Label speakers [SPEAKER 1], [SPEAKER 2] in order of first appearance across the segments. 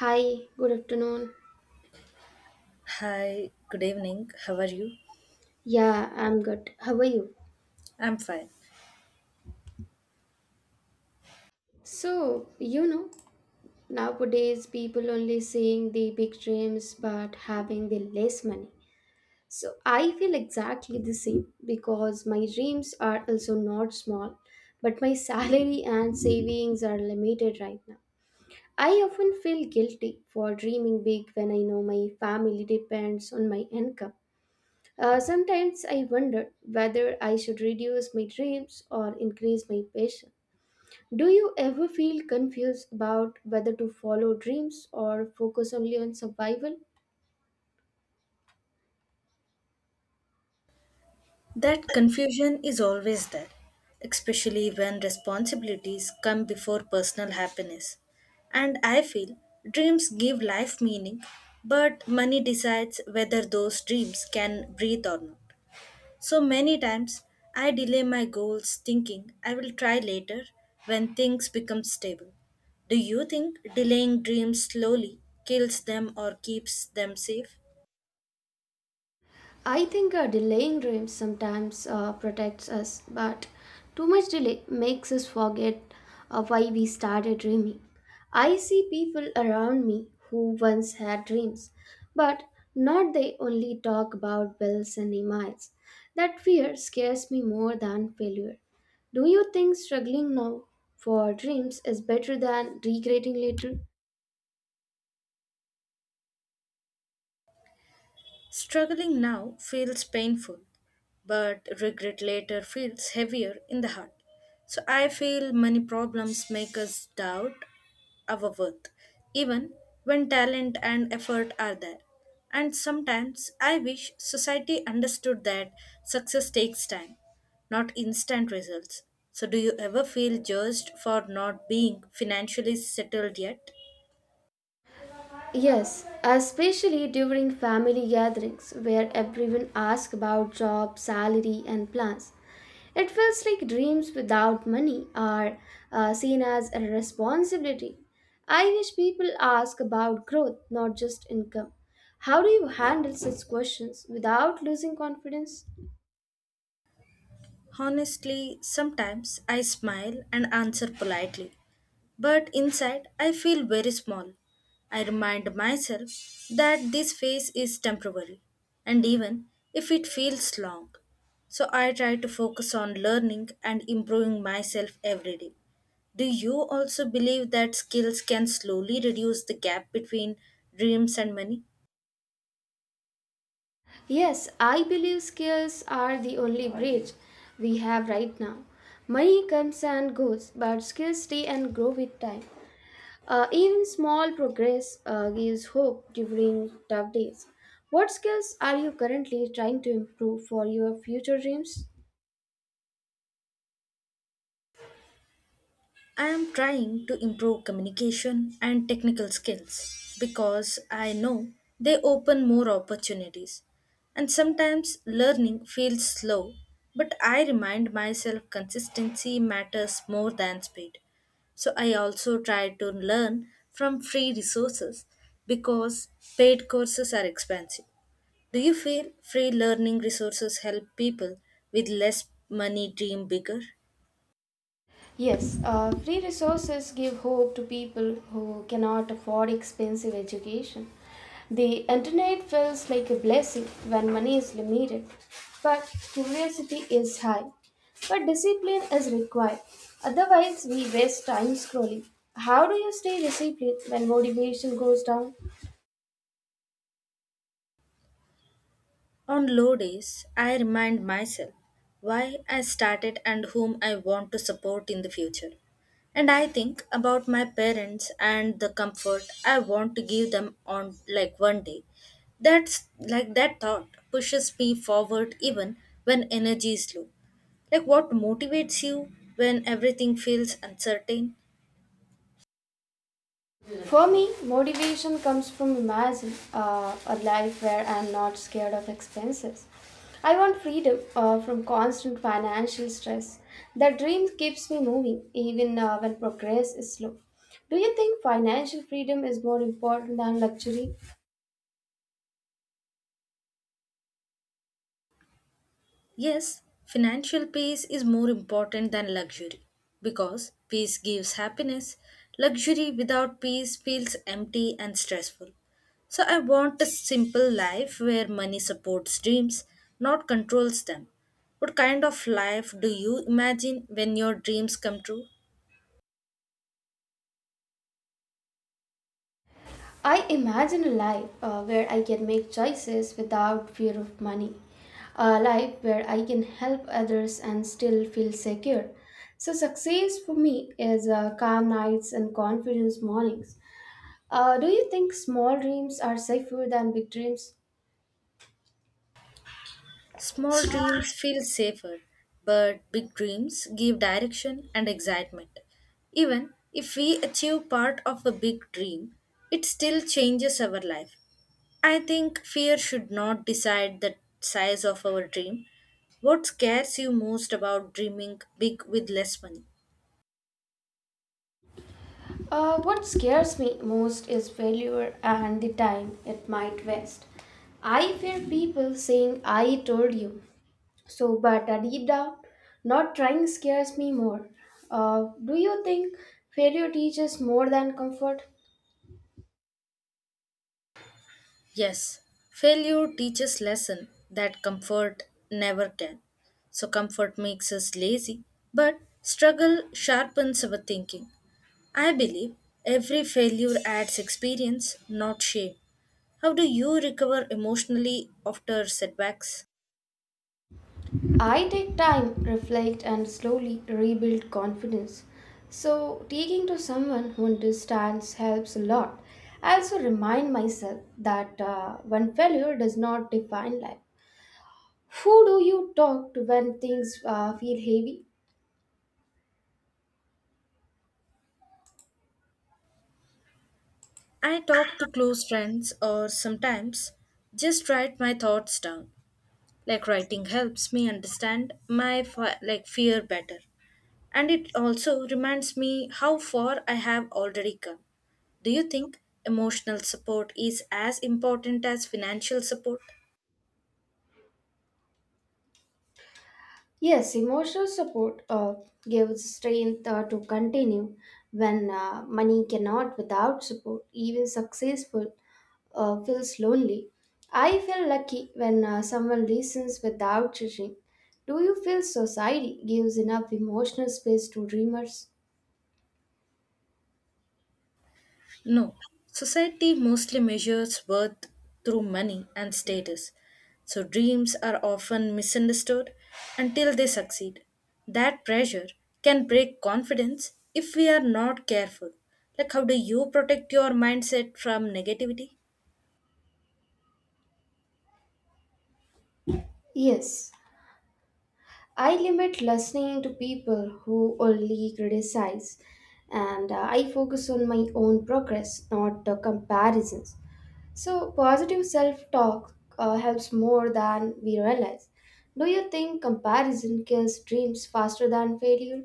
[SPEAKER 1] Hi, good afternoon.
[SPEAKER 2] Hi, good evening. How are you?
[SPEAKER 1] Yeah, I'm good. How are you?
[SPEAKER 2] I'm fine.
[SPEAKER 1] So, you know, Nowadays people only seeing the big dreams but having the less money. So, I feel exactly the same because my dreams are also not small, but my salary and savings are limited right now. I often feel guilty for dreaming big when I know my family depends on my income. Sometimes I wondered whether I should reduce my dreams or increase my passion. Do you ever feel confused about whether to follow dreams or focus only on survival?
[SPEAKER 2] That confusion is always there, especially when responsibilities come before personal happiness. And I feel dreams give life meaning, but money decides whether those dreams can breathe or not. So many times I delay my goals thinking I will try later when things become stable. Do you think delaying dreams slowly kills them or keeps them safe?
[SPEAKER 1] I think delaying dreams sometimes protects us, but too much delay makes us forget why we started dreaming. I see people around me who once had dreams, but not they only talk about bills and emails. That fear scares me more than failure. Do you think struggling now for dreams is better than regretting later?
[SPEAKER 2] Struggling now feels painful, but regret later feels heavier in the heart. So I feel many problems make us doubt our worth, even when talent and effort are there. And sometimes I wish society understood that success takes time, not instant results. So, do you ever feel judged for not being financially settled yet?
[SPEAKER 1] Yes, especially during family gatherings where everyone asks about job, salary, and plans. It feels like dreams without money are seen as a responsibility. I wish people ask about growth, not just income. How do you handle such questions without losing confidence?
[SPEAKER 2] Honestly, sometimes I smile and answer politely, but inside I feel very small. I remind myself that this phase is temporary, and even if it feels long. So I try to focus on learning and improving myself every day. Do you also believe that skills can slowly reduce the gap between dreams and money?
[SPEAKER 1] Yes, I believe skills are the only bridge we have right now. Money comes and goes, but skills stay and grow with time. Even small progress gives hope during tough days. What skills are you currently trying to improve for your future dreams?
[SPEAKER 2] I am trying to improve communication and technical skills because I know they open more opportunities. And sometimes learning feels slow, but I remind myself consistency matters more than speed. So I also try to learn from free resources because paid courses are expensive. Do you feel free learning resources help people with less money dream bigger?
[SPEAKER 1] Yes, free resources give hope to people who cannot afford expensive education. The internet feels like a blessing when money is limited, but curiosity is high. But discipline is required, otherwise, we waste time scrolling. How do you stay disciplined when motivation goes down?
[SPEAKER 2] On low days, I remind myself why I started and whom I want to support in the future. And I think about my parents and the comfort I want to give them on like one day. That's like that thought pushes me forward even when energy is low. Like what motivates you when everything feels uncertain?
[SPEAKER 1] For me, motivation comes from imagine a life where I'm not scared of expenses. I want freedom from constant financial stress. That dream keeps me moving even when progress is slow. Do you think financial freedom is more important than luxury?
[SPEAKER 2] Yes, financial peace is more important than luxury because peace gives happiness. Luxury without peace feels empty and stressful. So I want a simple life where money supports dreams, not controls them. What kind of life do you imagine when your dreams come true?
[SPEAKER 1] I imagine a life where I can make choices without fear of money, a life where I can help others and still feel secure. So, success for me is calm nights and confidence mornings. Do you think small dreams are safer than big dreams?
[SPEAKER 2] Small dreams feel safer, but big dreams give direction and excitement. Even if we achieve part of a big dream, it still changes our life. I think fear should not decide the size of our dream. What scares you most about dreaming big with less money?
[SPEAKER 1] What scares me most is failure and the time it might waste. I fear people saying, I told you. So, but a deep down, not trying scares me more. Do you think failure teaches more than comfort?
[SPEAKER 2] Yes, failure teaches lesson that comfort never can. So comfort makes us lazy, but struggle sharpens our thinking. I believe every failure adds experience, not shame. How do you recover emotionally after setbacks?
[SPEAKER 1] I take time, reflect, and slowly rebuild confidence. So, taking to someone who understands helps a lot. I also remind myself that one failure does not define life. Who do you talk to when things feel heavy?
[SPEAKER 2] I talk to close friends or sometimes just write my thoughts down. Like writing helps me understand my like fear better and it also reminds me how far I have already come. Do you think emotional support is as important as financial support?
[SPEAKER 1] Yes, emotional support gives strength to continue when money cannot without support. Even successful feels lonely. I feel lucky when someone listens without judging. Do you feel society gives enough emotional space to dreamers?
[SPEAKER 2] No, society mostly measures worth through money and status. So dreams are often misunderstood until they succeed. That pressure can break confidence if we are not careful. Like, how do you protect your mindset from negativity?
[SPEAKER 1] Yes. I limit listening to people who only criticize and I focus on my own progress, not the comparisons. So, positive self talk helps more than we realize. Do you think comparison kills dreams faster than failure?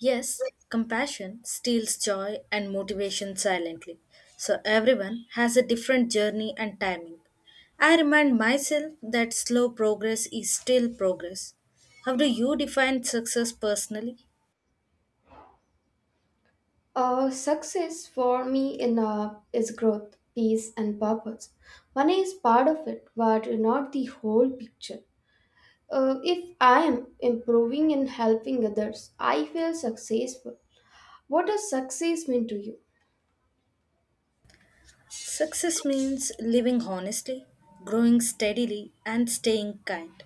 [SPEAKER 2] Yes, compassion steals joy and motivation silently. So everyone has a different journey and timing. I remind myself that slow progress is still progress. How do you define success personally?
[SPEAKER 1] Success for me in is growth, peace, and purpose. Money is part of it, but not the whole picture. If I am improving and helping others, I feel successful. What does success mean to you?
[SPEAKER 2] Success means living honestly, growing steadily, and staying kind.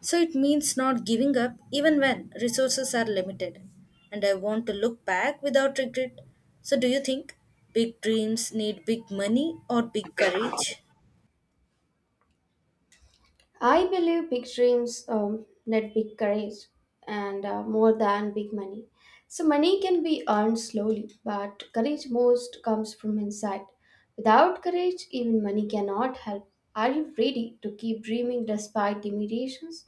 [SPEAKER 2] So it means not giving up even when resources are limited. And I want to look back without regret. So, do you think big dreams need big money or big courage?
[SPEAKER 1] I believe big dreams need big courage and more than big money. So, money can be earned slowly, but courage most comes from inside. Without courage, even money cannot help. Are you ready to keep dreaming despite limitations?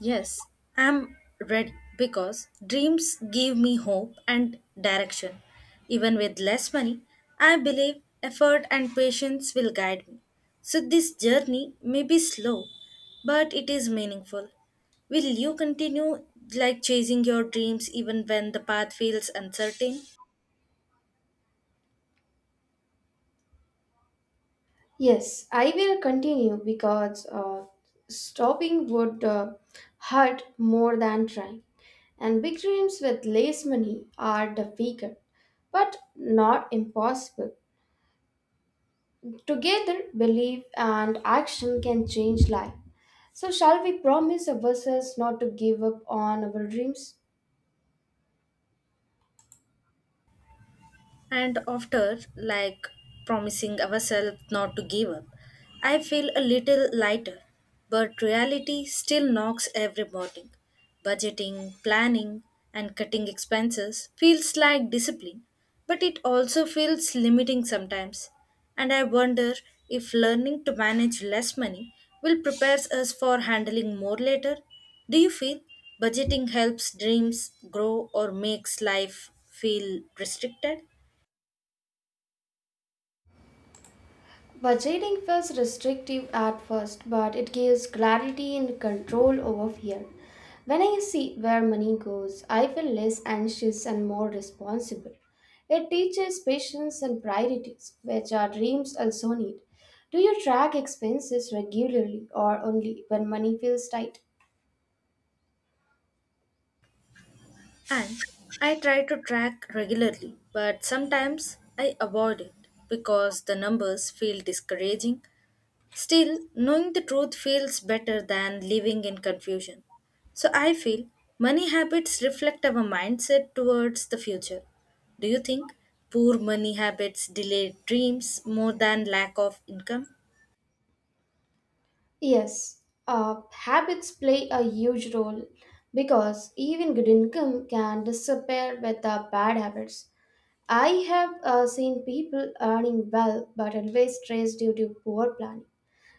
[SPEAKER 2] Yes, I'm ready because dreams give me hope and direction. Even with less money, I believe effort and patience will guide me. So, this journey may be slow, but it is meaningful. Will you continue like chasing your dreams even when the path feels uncertain?
[SPEAKER 1] Yes, I will continue because stopping would hurt more than trying. And big dreams with less money are the weaker, but not impossible. Together, belief and action can change life. So, shall we promise ourselves not to give up on our dreams?
[SPEAKER 2] And after, like promising ourselves not to give up, I feel a little lighter. But reality still knocks every morning. Budgeting, planning, and cutting expenses feels like discipline, but it also feels limiting sometimes. And I wonder if learning to manage less money will prepare us for handling more later. Do you feel budgeting helps dreams grow or makes life feel restricted?
[SPEAKER 1] Budgeting feels restrictive at first, but it gives clarity and control over fear. When I see where money goes, I feel less anxious and more responsible. It teaches patience and priorities, which our dreams also need. Do you track expenses regularly or only when money feels tight?
[SPEAKER 2] And I try to track regularly, but sometimes I avoid it because the numbers feel discouraging. Still, knowing the truth feels better than living in confusion. So I feel money habits reflect our mindset towards the future. Do you think poor money habits delay dreams more than lack of income?
[SPEAKER 1] Yes, habits play a huge role because even good income can disappear with the bad habits. I have seen people earning well but always stressed due to poor planning.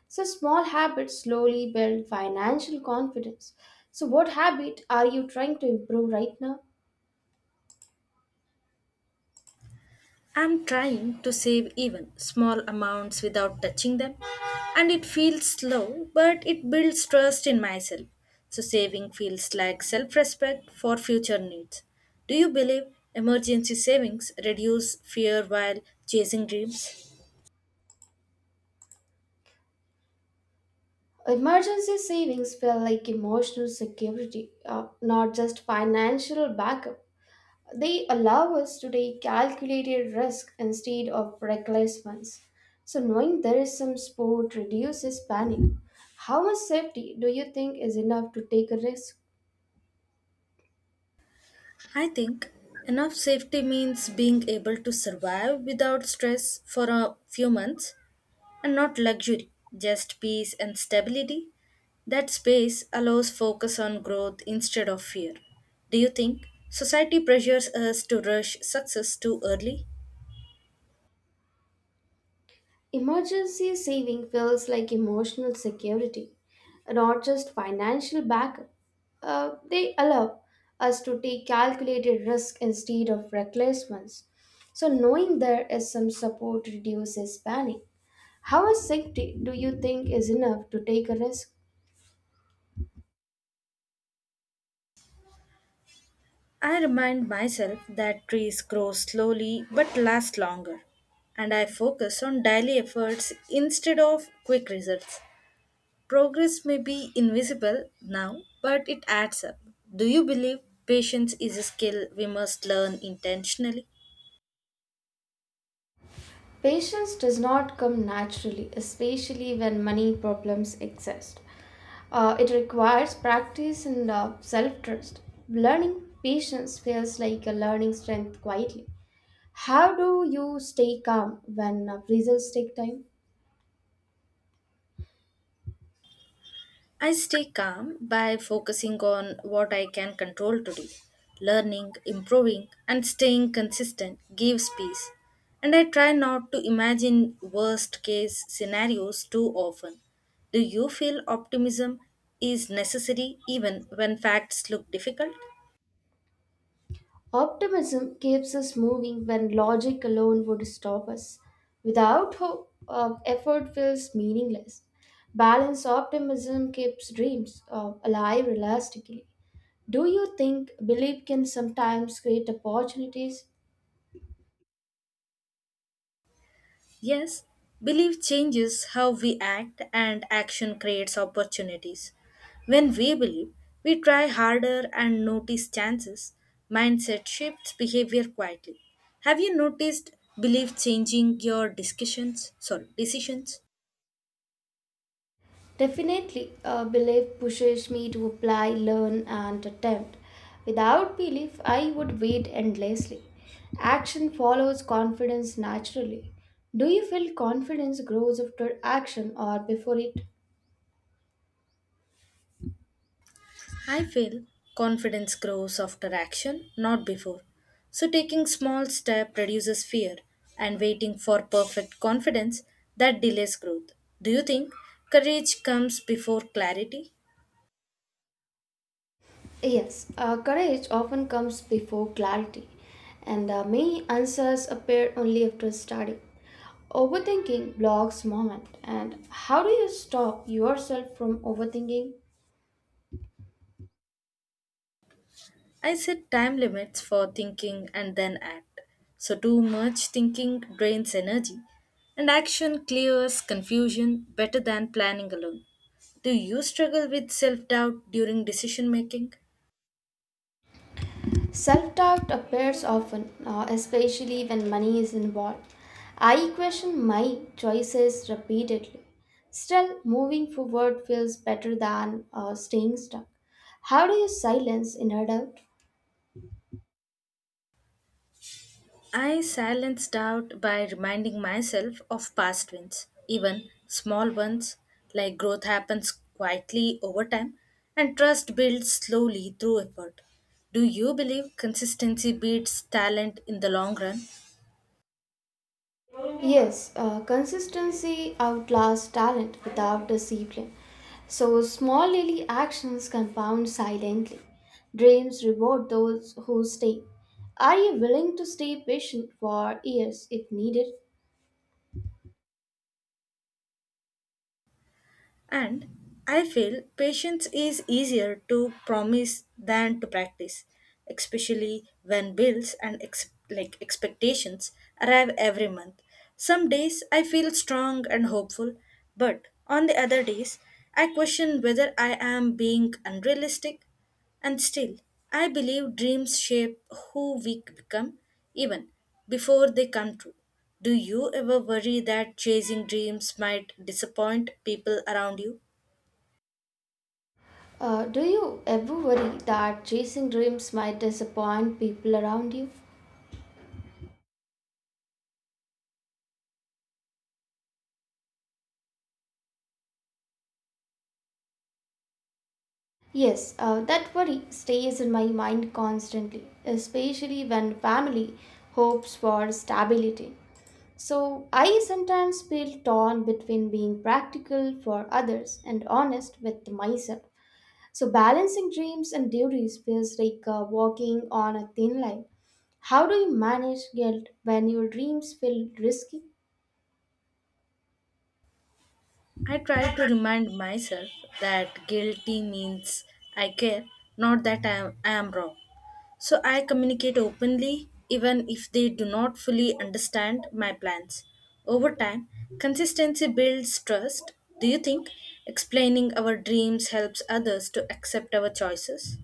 [SPEAKER 1] So, small habits slowly build financial confidence. So, what habit are you trying to improve right now?
[SPEAKER 2] I'm trying to save even small amounts without touching them, and it feels slow, but it builds trust in myself. So, saving feels like self respect for future needs. Do you believe emergency savings reduce fear while chasing dreams?
[SPEAKER 1] Emergency savings feel like emotional security, not just financial backup. They allow us to take calculated risk instead of reckless ones. So, knowing there is some support reduces panic. How much safety do you think is enough to take a risk?
[SPEAKER 2] I think enough safety means being able to survive without stress for a few months and not luxury, just peace and stability. That space allows focus on growth instead of fear. Do you think society pressures us to rush success too early?
[SPEAKER 1] Emergency saving feels like emotional security, not just financial backup. They allow us to take calculated risk instead of reckless ones. So, knowing there is some support reduces panic. How much safety do you think is enough to take a risk?
[SPEAKER 2] I remind myself that trees grow slowly but last longer, and I focus on daily efforts instead of quick results. Progress may be invisible now, but it adds up. Do you believe patience is a skill we must learn intentionally?
[SPEAKER 1] Patience does not come naturally, especially when money problems exist. It requires practice and self trust. Learning patience feels like a learning strength quietly. How do you stay calm when results take time?
[SPEAKER 2] I stay calm by focusing on what I can control today. Learning, improving, and staying consistent gives peace. And I try not to imagine worst case scenarios too often. Do you feel optimism is necessary even when facts look difficult?
[SPEAKER 1] Optimism keeps us moving when logic alone would stop us. Without hope, effort feels meaningless. Balanced optimism keeps dreams alive elastically. Do you think belief can sometimes create opportunities?
[SPEAKER 2] Yes, belief changes how we act, and action creates opportunities. When we believe, we try harder and notice chances. Mindset shifts behavior quietly. Have you noticed belief changing your discussions? Sorry, decisions.
[SPEAKER 1] Definitely, belief pushes me to apply, learn, and attempt. Without belief, I would wait endlessly. Action follows confidence naturally. Do you feel confidence grows after action or before it?
[SPEAKER 2] I feel confidence grows after action, not before. So taking small step reduces fear and waiting for perfect confidence that delays growth. Do you think courage comes before clarity?
[SPEAKER 1] Yes, courage often comes before clarity, and many answers appear only after study. Overthinking blocks moment, and how do you stop yourself from overthinking?
[SPEAKER 2] I set time limits for thinking and then act. So too much thinking drains energy and action clears confusion better than planning alone. Do you struggle with self-doubt during decision making?
[SPEAKER 1] Self doubt appears often, especially when money is involved. I question my choices repeatedly. Still, moving forward feels better than staying stuck. How do you silence inner doubt?
[SPEAKER 2] I silence doubt by reminding myself of past wins, even small ones, like growth happens quietly over time and trust builds slowly through effort. Do you believe consistency beats talent in the long run?
[SPEAKER 1] Yes, consistency outlasts talent without discipline. So small daily actions compound silently. Dreams reward those who stay. Are you willing to stay patient for years if needed?
[SPEAKER 2] And I feel patience is easier to promise than to practice, especially when bills and like expectations arrive every month. Some days I feel strong and hopeful, but on the other days I question whether I am being unrealistic. And still, I believe dreams shape who we become even before they come true. Do you ever worry that chasing dreams might disappoint people around you?
[SPEAKER 1] Do you ever worry that chasing dreams might disappoint people around you? Yes, that worry stays in my mind constantly, especially when family hopes for stability. So I sometimes feel torn between being practical for others and honest with myself. So balancing dreams and duties feels like walking on a thin line. How do you manage guilt when your dreams feel risky?
[SPEAKER 2] I try to remind myself that guilty means I care, not that I am wrong. So I communicate openly even if they do not fully understand my plans. Over time, consistency builds trust. Do you think explaining our dreams helps others to accept our choices?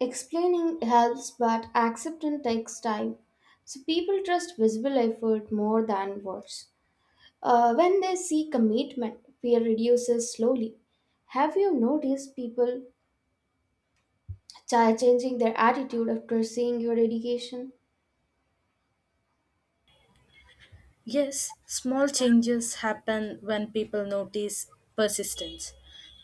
[SPEAKER 1] Explaining helps, but acceptance takes time. So people trust visible effort more than words. When they see commitment, fear reduces slowly. Have you noticed people changing their attitude after seeing your dedication?
[SPEAKER 2] Yes, small changes happen when people notice persistence.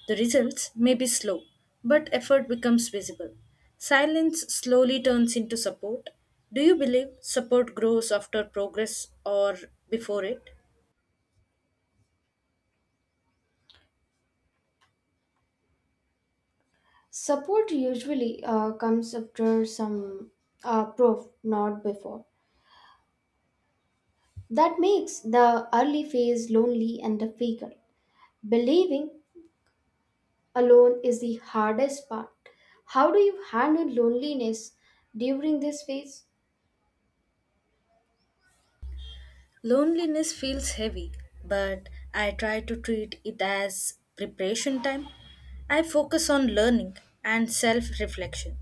[SPEAKER 2] The results may be slow, but effort becomes visible. Silence slowly turns into support. Do you believe support grows after progress or before it?
[SPEAKER 1] Support usually comes after some proof, not before. That makes the early phase lonely and difficult. Believing alone is the hardest part. How do you handle loneliness during this phase?
[SPEAKER 2] Loneliness feels heavy, but I try to treat it as preparation time. I focus on learning and self reflection.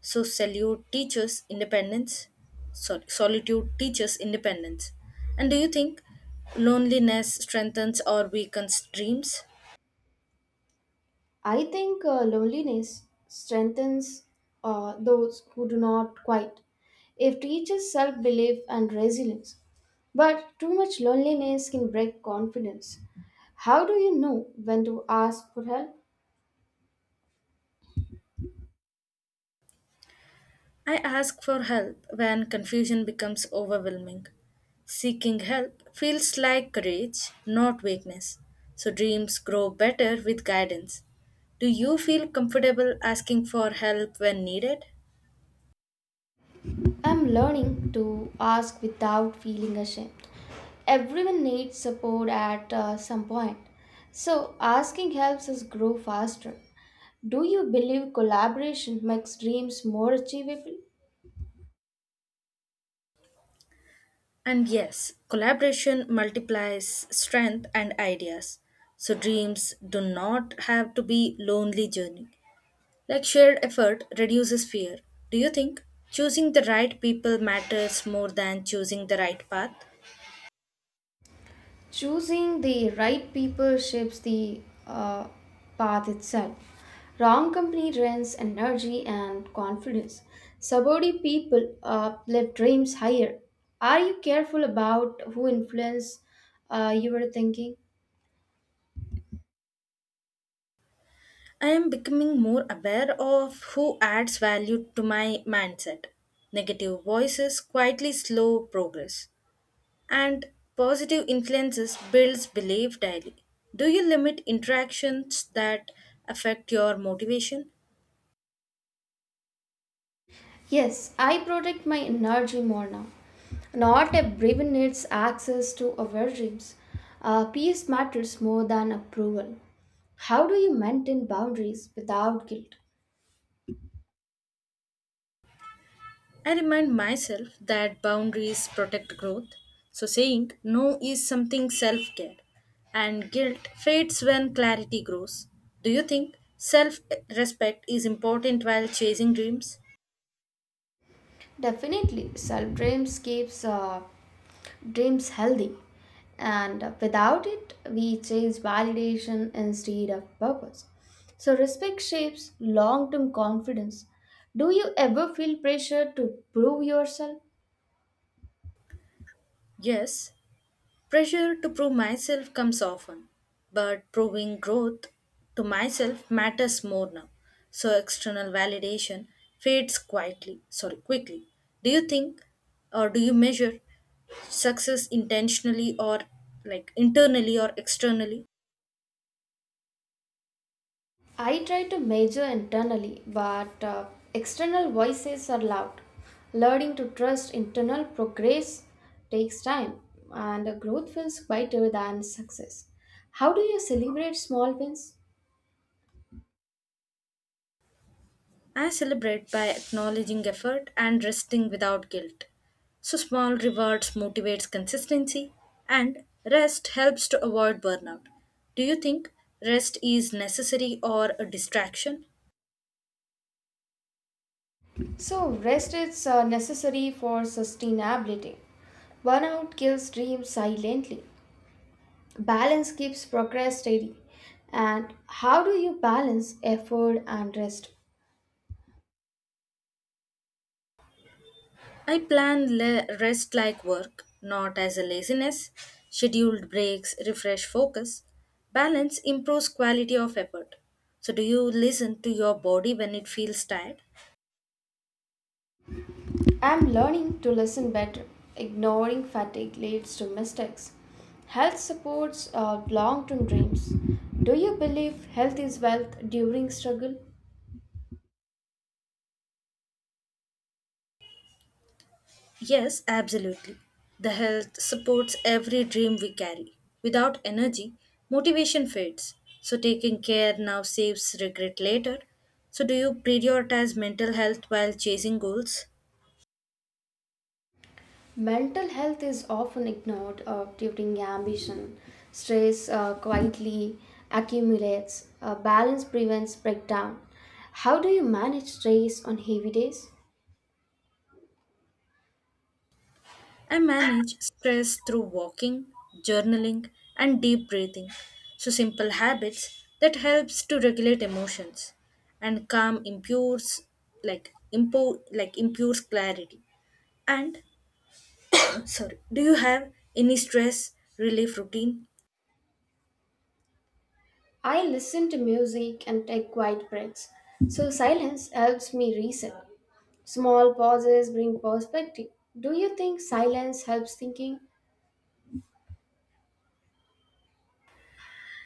[SPEAKER 2] So, salute teachers' independence. Sorry, Solitude teaches independence. And do you think loneliness strengthens or weakens dreams?
[SPEAKER 1] I think loneliness strengthens those who do not quite. It teaches self belief and resilience. But too much loneliness can break confidence. How do you know when to ask for help?
[SPEAKER 2] I ask for help when confusion becomes overwhelming. Seeking help feels like courage, not weakness. So dreams grow better with guidance. Do you feel comfortable asking for help when needed?
[SPEAKER 1] I'm learning to ask without feeling ashamed. Everyone needs support at some point. So asking helps us grow faster. Do you believe collaboration makes dreams more achievable?
[SPEAKER 2] And yes, collaboration multiplies strength and ideas. So dreams do not have to be lonely journey. Like shared effort reduces fear. Do you think choosing the right people matters more than choosing the right path?
[SPEAKER 1] Choosing the right people shapes the uh, path itself. Wrong company drains energy and confidence. Subordinate people lift dreams higher. Are you careful about who influence your thinking?
[SPEAKER 2] I am becoming more aware of who adds value to my mindset. Negative voices quietly slow progress, and positive influences builds belief daily. Do you limit interactions that affect your motivation?
[SPEAKER 1] Yes, I protect my energy more now. Not everyone needs access to our dreams. Peace matters more than approval. How do you maintain boundaries without guilt?
[SPEAKER 2] I remind myself that boundaries protect growth. So saying no is something self-care and guilt fades when clarity grows. Do you think self respect is important while chasing dreams?
[SPEAKER 1] Definitely, self dreams keeps dreams healthy, and without it, we chase validation instead of purpose. So respect shapes long-term confidence. Do you ever feel pressure to prove yourself?
[SPEAKER 2] Yes, pressure to prove myself comes often, but proving growth to myself matters more now. So external validation quickly. Do you think do you measure success intentionally or like internally or externally?
[SPEAKER 1] I try to measure internally, but external voices are loud. Learning to trust internal progress takes time, and growth feels quieter than success. How do you celebrate small wins?
[SPEAKER 2] I celebrate by acknowledging effort and resting without guilt. So small rewards motivates consistency and rest helps to avoid burnout. Do you think rest is necessary or a distraction?
[SPEAKER 1] So, rest is necessary for sustainability. Burnout kills dreams silently. Balance keeps progress steady. And how do you balance effort and rest?
[SPEAKER 2] I plan rest like work, not as a laziness. Scheduled breaks refresh focus. Balance improves quality of effort. So do you listen to your body when it feels tired?
[SPEAKER 1] I'm learning to listen better. Ignoring fatigue leads to mistakes. Health supports long term dreams. Do you believe health is wealth during struggle?
[SPEAKER 2] Yes, absolutely. The health supports every dream we carry. Without energy, motivation fades. So, taking care now saves regret later. So, do you prioritize mental health while chasing goals?
[SPEAKER 1] Mental health is often ignored during ambition. Stress quietly accumulates. Balance prevents breakdown. How do you manage stress on heavy days?
[SPEAKER 2] I manage stress through walking, journaling, and deep breathing. So, simple habits that helps to regulate emotions and calm impures like like impures clarity. And Sorry. Do you have any stress relief routine?
[SPEAKER 1] I listen to music and take quiet breaks. So silence helps me reset. Small pauses bring perspective. Do you think silence helps thinking?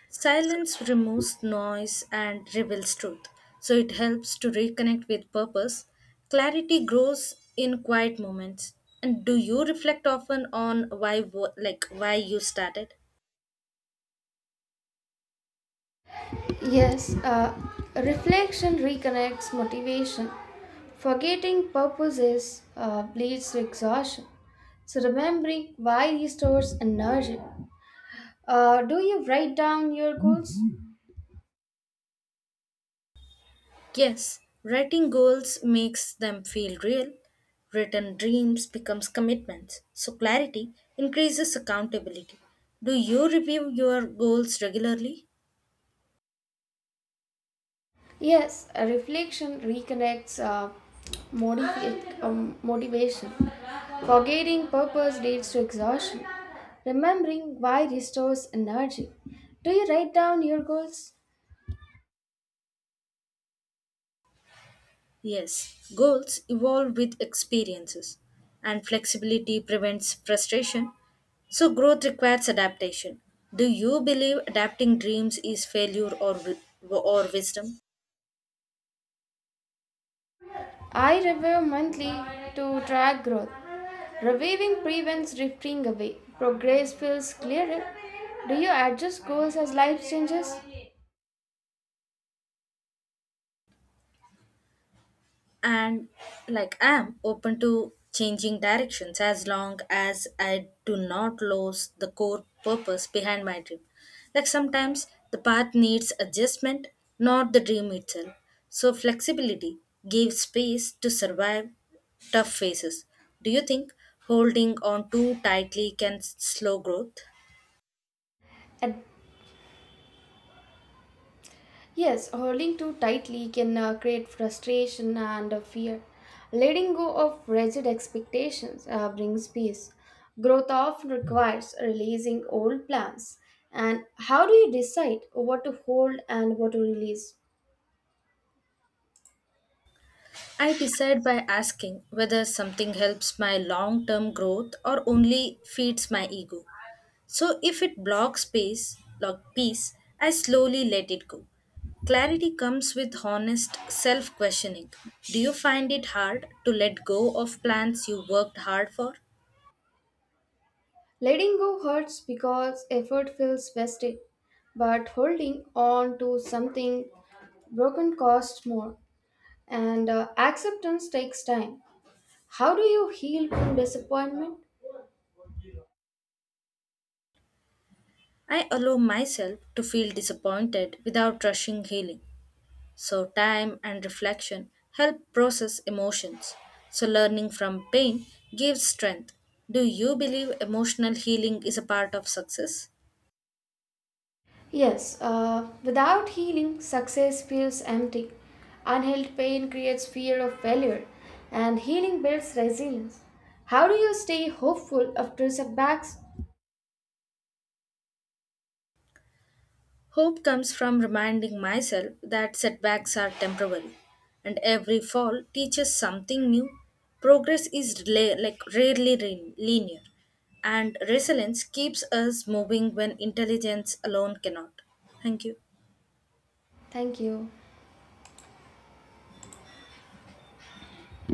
[SPEAKER 2] Silence removes noise and reveals truth. So it helps to reconnect with purpose. Clarity grows in quiet moments. And do you reflect often on why like why you started?
[SPEAKER 1] Yes, reflection reconnects motivation. Forgetting purposes leads to exhaustion. So remembering why restores energy. Do you write down your goals?
[SPEAKER 2] Yes, writing goals makes them feel real. Written dreams becomes commitments. So clarity increases accountability. Do you review your goals regularly?
[SPEAKER 1] Yes, a reflection reconnects motivation. Forgetting purpose leads to exhaustion. Remembering why restores energy. Do you write down your goals?
[SPEAKER 2] Yes, goals evolve with experiences, and flexibility prevents frustration. So, growth requires adaptation. Do you believe adapting dreams is failure or wisdom?
[SPEAKER 1] I review monthly to track growth. Reviewing prevents drifting away. Progress feels clearer. Do you adjust goals as life changes?
[SPEAKER 2] And like I am open to changing directions as long as I do not lose the core purpose behind my dream. Like sometimes the path needs adjustment, not the dream itself. So flexibility gives space to survive tough phases. Do you think holding on too tightly can slow growth?
[SPEAKER 1] Yes, holding too tightly can create frustration and fear. Letting go of rigid expectations brings peace. Growth often requires releasing old plans. And how do you decide what to hold and what to release?
[SPEAKER 2] I decide by asking whether something helps my long term growth or only feeds my ego. So if it blocks space, block peace, I slowly let it go. Clarity comes with honest self questioning. Do you find it hard to let go of plans you worked hard for?
[SPEAKER 1] Letting go hurts because effort feels wasted, but holding on to something broken costs more. And acceptance takes time. How do you heal from disappointment?
[SPEAKER 2] I allow myself to feel disappointed without rushing healing. So, time and reflection help process emotions. So, learning from pain gives strength. Do you believe emotional healing is a part of success?
[SPEAKER 1] Yes, without healing, success feels empty. Unhealed pain creates fear of failure, and healing builds resilience. How do you stay hopeful after setbacks?
[SPEAKER 2] Hope comes from reminding myself that setbacks are temporary, and every fall teaches something new. Progress is like rarely linear, and resilience keeps us moving when intelligence alone cannot. Thank you.
[SPEAKER 1] Thank you.